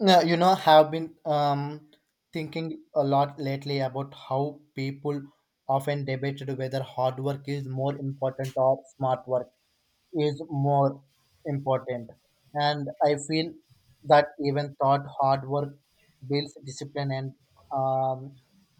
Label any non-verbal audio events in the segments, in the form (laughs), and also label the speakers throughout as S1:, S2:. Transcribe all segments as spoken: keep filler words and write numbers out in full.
S1: Yeah, you know, have been um, thinking a lot lately about how people often debated whether hard work is more important or smart work is more important. And I feel that even thought hard work builds discipline and um,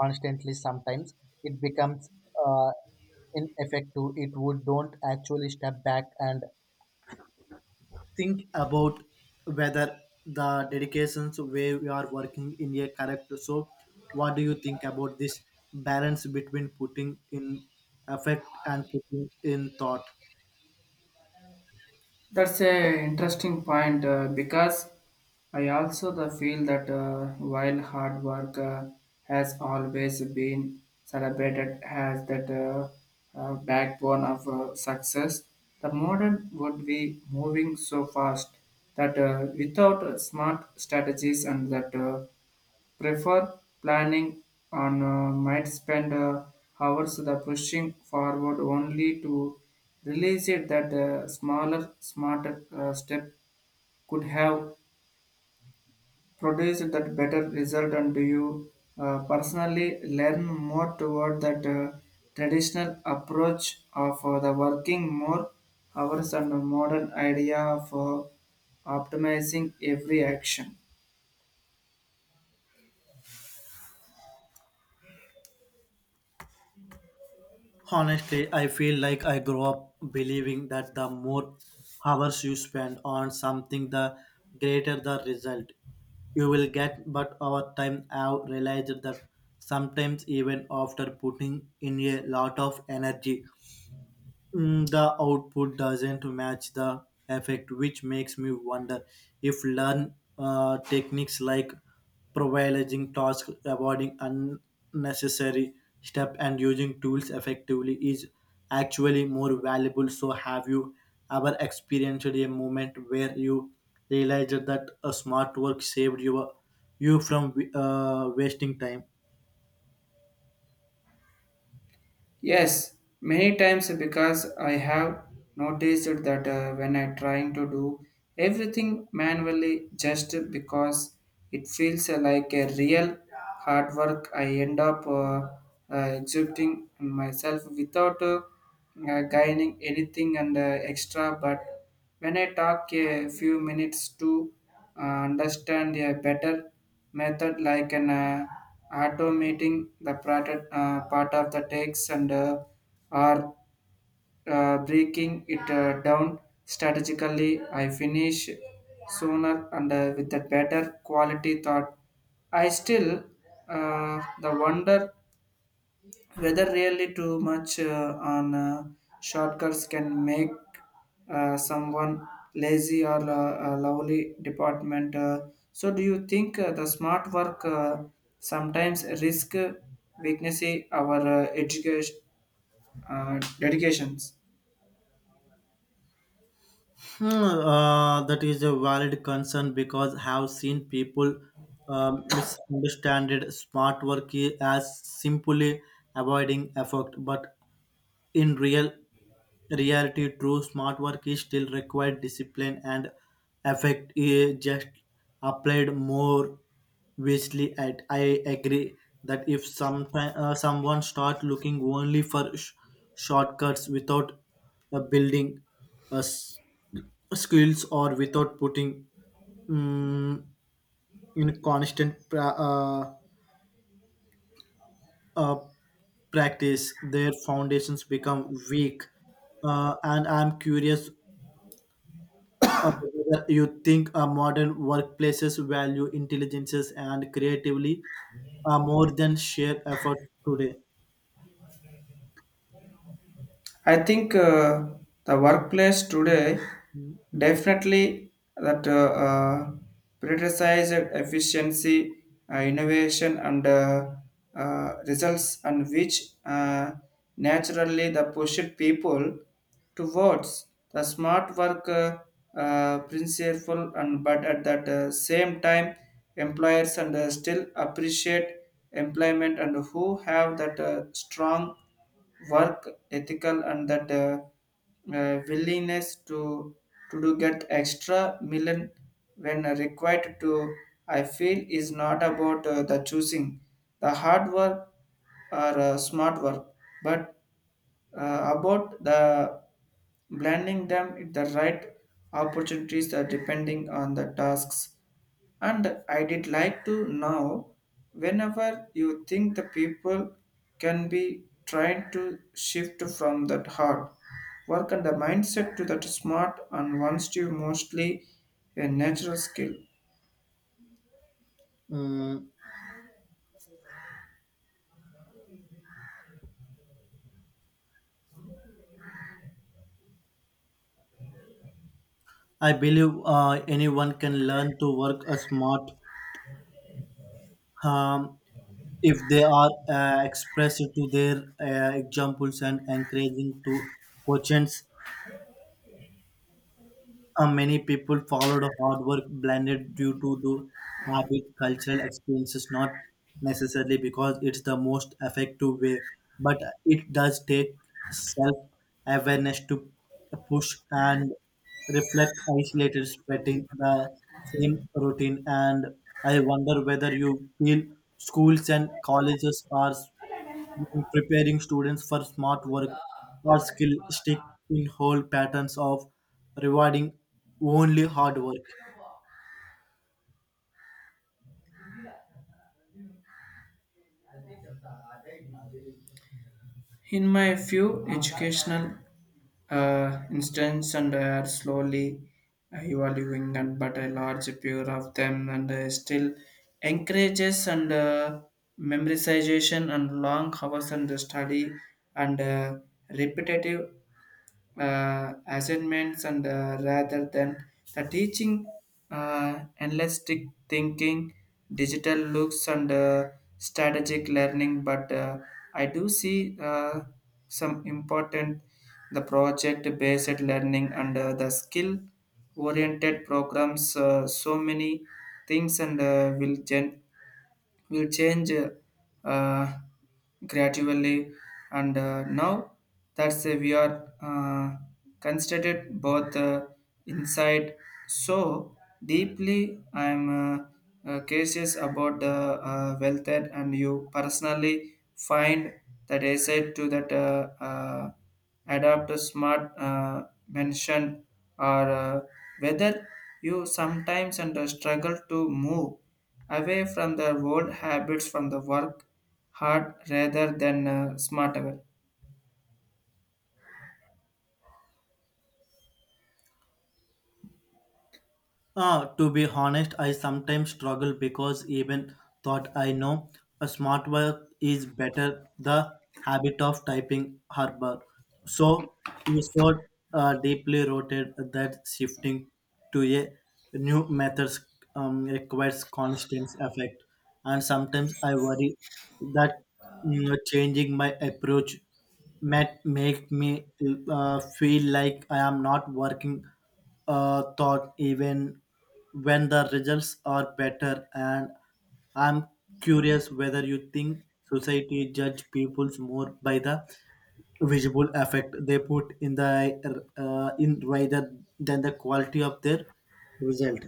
S1: constantly sometimes it becomes uh, ineffective. It would don't actually step back and think about whether the dedications where we are working in a correct so what do you think about this balance between putting in effect and putting in thought.
S2: That's a interesting point uh, because I also the feel that uh, while hard work uh, has always been celebrated as that uh, uh, backbone of uh, success, the modern would be moving so fast that uh, without uh, smart strategies and that uh, prefer planning and uh, might spend uh, hours the pushing forward only to realize it that a smaller, smarter uh, step could have produced that better result. And do you uh, personally learn more toward that uh, traditional approach of uh, the working more hours and a modern idea of uh, optimizing every action.
S1: Honestly, I feel like I grew up believing that the more hours you spend on something the greater the result you will get, but over time I've realized that sometimes even after putting in effect, which makes me wonder if learn uh, techniques like prioritizing tasks, avoiding unnecessary steps, and using tools effectively is actually more valuable. So, have you ever experienced a moment where you realized that a smart work saved you, you from uh, wasting time?
S2: Yes, many times, because I have noticed that uh, when I trying to do everything manually just because it feels like a real hard work, I end up uh, uh, exhibiting myself without uh, uh, gaining anything and uh, extra. But when I talk a few minutes to uh, understand a better method like an uh, automating the part, uh, part of the text and uh, or uh, breaking it uh, down strategically, I finish sooner and uh, with a better quality thought. I still uh, the wonder whether really too much uh, on uh, shortcuts can make uh, someone lazy or uh, a lovely department, uh, so do you think uh, the smart work uh, sometimes risk uh, weakness our uh, education uh, dedications?
S1: Hmm, uh, that is a valid concern because I have seen people um, misunderstand it. Smart work i- as simply avoiding effort, but in real reality, true smart work is still required discipline and effect is just applied more wisely. At I agree that if sometime, uh, someone start looking only for sh- shortcuts without uh, building us skills or without putting mm, in constant pra- uh, uh, practice, their foundations become weak. Uh, and I'm curious uh, whether you think uh, modern workplaces value intelligences and creatively uh, more than sheer effort today.
S2: I think uh, the workplace today definitely that uh, uh, prioritize efficiency, uh, innovation, and uh, uh, results, and which uh, naturally the pushed people towards the smart work uh, uh, principle, and but at that uh, same time, employers and uh, still appreciate employment and who have that uh, strong work ethical and that uh, uh, willingness to to do get extra million when required to. I feel is not about uh, the choosing the hard work or uh, smart work but uh, about the blending them with the right opportunities uh, depending on the tasks. And I did like to know whenever you think the people can be trying to shift from that hard work and the mindset to that smart and wants to mostly a natural skill.
S1: Mm, I believe uh, anyone can learn to work a smart. Um, if they are uh, expressed to their uh, examples and encouraging to quotients, uh, many people followed a hard work blended due to the habit cultural experiences, not necessarily because it's the most effective way, but it does take self awareness to push and reflect isolated spreading the same routine and I wonder whether you feel schools and colleges are preparing students for smart work or skill stick in whole patterns of rewarding only hard work.
S2: In my few educational uh, instance and I are slowly uh, evolving and but a large pure of them and uh, still encourages and uh, memorization and long hours and study and uh, repetitive uh, assignments and uh, rather than the teaching uh, analytic thinking digital looks and uh, strategic learning but uh, I do see uh, some important the project based learning and uh, the skill oriented programs uh, so many things and uh, will gen- will change uh, gradually and uh, now that's uh, we are uh, constituted both uh, inside so deeply. I am uh, uh, curious about the uh, wealth that and you personally find that asset to that uh, uh, adapt to smart uh, mentioned or uh, whether you sometimes under struggle to move away from the old habits, from the work hard rather than uh, smart away.
S1: Uh, to be honest, I sometimes struggle because even thought I know a smart work is better the habit of typing harbor. So is so uh, deeply rooted that shifting to a new methods um, requires constant effect. And sometimes I worry that mm, changing my approach might make me uh, feel like I am not working uh, thought even when the results are better and I'm curious whether you think society judge people more by the visible effect they put in the uh, in rather than the quality of their result.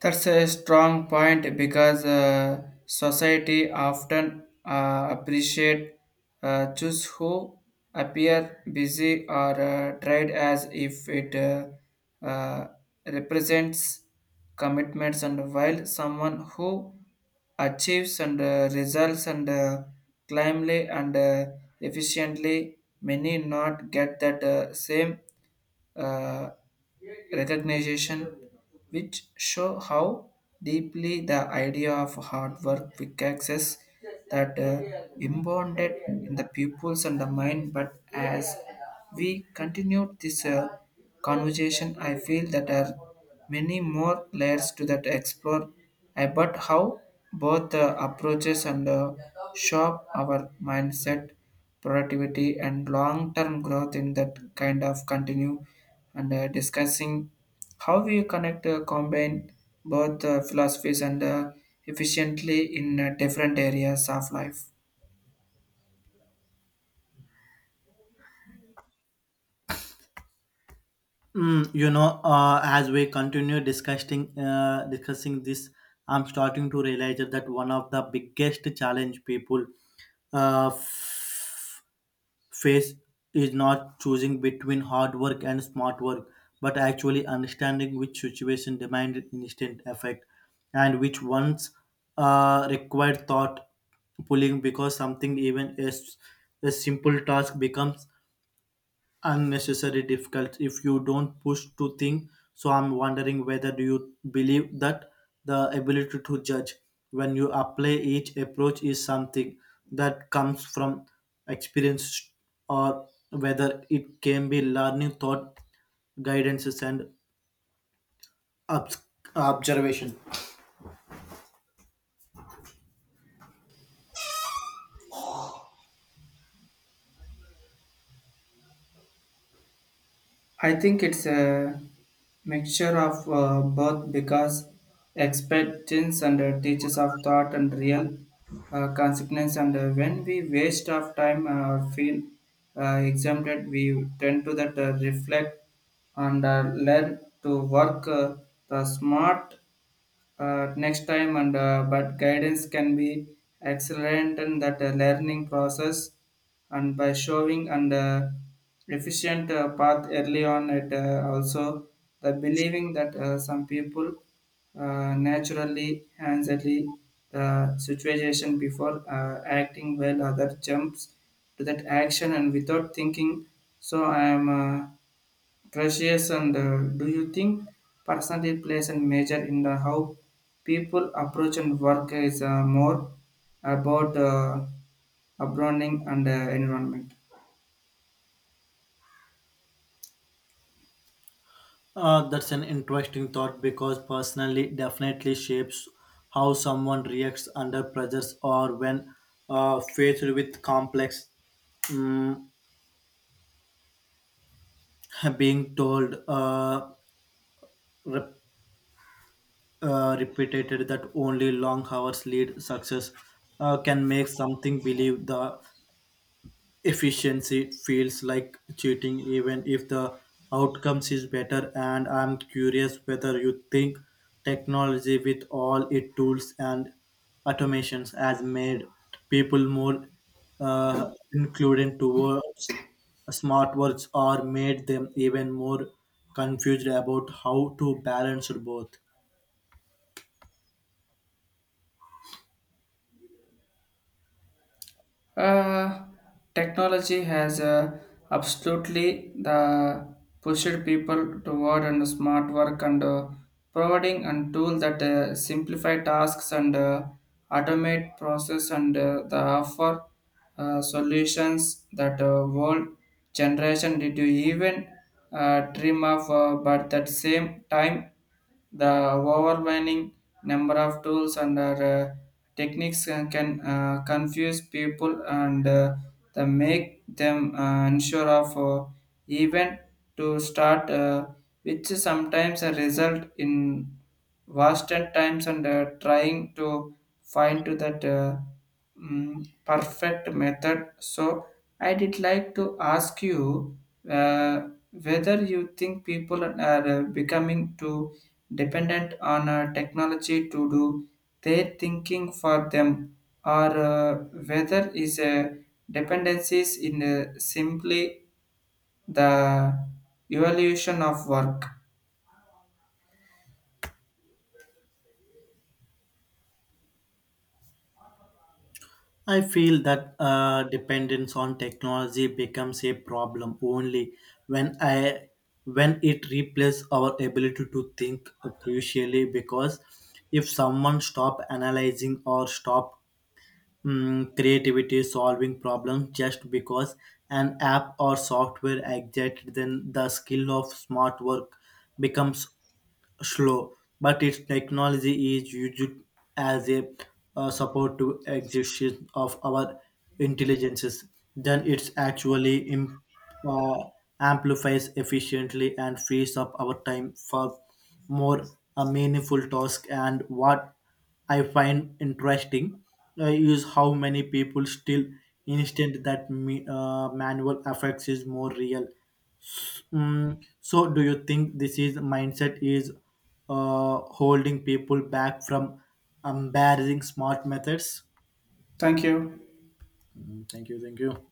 S2: That's a strong point, because uh, society often uh, appreciate uh, choose who appear busy or uh, tried as if it uh, uh, represents commitments, and while someone who achieves and uh, results and uh, climbly and uh, efficiently many not get that uh, same uh, recognition, which show how deeply the idea of hard work quick access that uh, impounded in the pupils and the mind. But as we continued this uh, conversation, I feel that there are many more layers to that explore about how both uh, approaches and uh, shape our mindset productivity and long-term growth in that kind of continue and uh, discussing how we connect, uh, combine both uh, philosophies and uh, efficiently in uh, different areas of life.
S1: Mm, you know, uh, as we continue discussing uh, discussing this, I'm starting to realize that one of the biggest challenge people uh, Faith is not choosing between hard work and smart work, but actually understanding which situation demanded instant effect and which ones uh, required thought pulling because something even as a simple task becomes unnecessary difficult if you don't push to think. So I'm wondering whether do you believe that the ability to judge when you apply each approach is something that comes from experience or whether it can be learning thought guidances and obs- observation.
S2: I think it's a mixture of uh, both, because expectations and uh, teachers of thought and real uh, consequence and uh, when we waste of time uh, or feel uh, exempted we tend to that uh, reflect and uh, learn to work uh, the smart uh, next time and uh, but guidance can be accelerant in that uh, learning process, and by showing and uh, efficient uh, path early on. It uh, also the believing that uh, some people uh, naturally handily the situation before uh, acting while other jumps to that action and without thinking. So I am uh, Precious, and uh, do you think personality plays a major in the how people approach and work is uh, more about uh, upbringing and uh, environment?
S1: Uh, that's an interesting thought because personally definitely shapes how someone reacts under pressures or when uh, faced with complex mm, (laughs) being told uh, rep- uh, repeated that only long hours lead success uh, can make something believe the efficiency feels like cheating even if the outcomes is better and I'm curious whether you think technology with all its tools and automations has made people more uh, included towards smart words or made them even more confused about how to balance both.
S2: Uh, Technology has uh, absolutely the pushed people toward and smart work and uh, providing and tool that uh, simplify tasks and uh, automate process and uh, the offer uh, solutions that uh, world generation did you even uh, dream of, uh, but at the same time the overwhelming number of tools and uh, techniques can can, uh, confuse people and uh, the make them uh, unsure of uh, even to start, uh, which sometimes result in wasted times and uh, trying to find to that Uh, mm, perfect method. So, I did like to ask you uh, whether you think people are uh, becoming too dependent on uh, technology to do their thinking for them, or uh, whether is a dependencies in uh, simply the evaluation of work.
S1: I feel that uh, dependence on technology becomes a problem only when I when it replaces our ability to think crucially. Because if someone stop analyzing or stop mm, creativity solving problems just because an app or software exists, then the skill of smart work becomes slow, but its technology is used as a uh, support to execution of our intelligences. Then it's actually im- uh, amplifies efficiently and frees up our time for more a meaningful task. And what I find interesting uh, is how many people still instant that me, uh, manual effects is more real. Mm, so, do you think this is mindset is uh, holding people back from embarrassing smart methods?
S2: Thank you.
S1: Mm, thank you, thank you.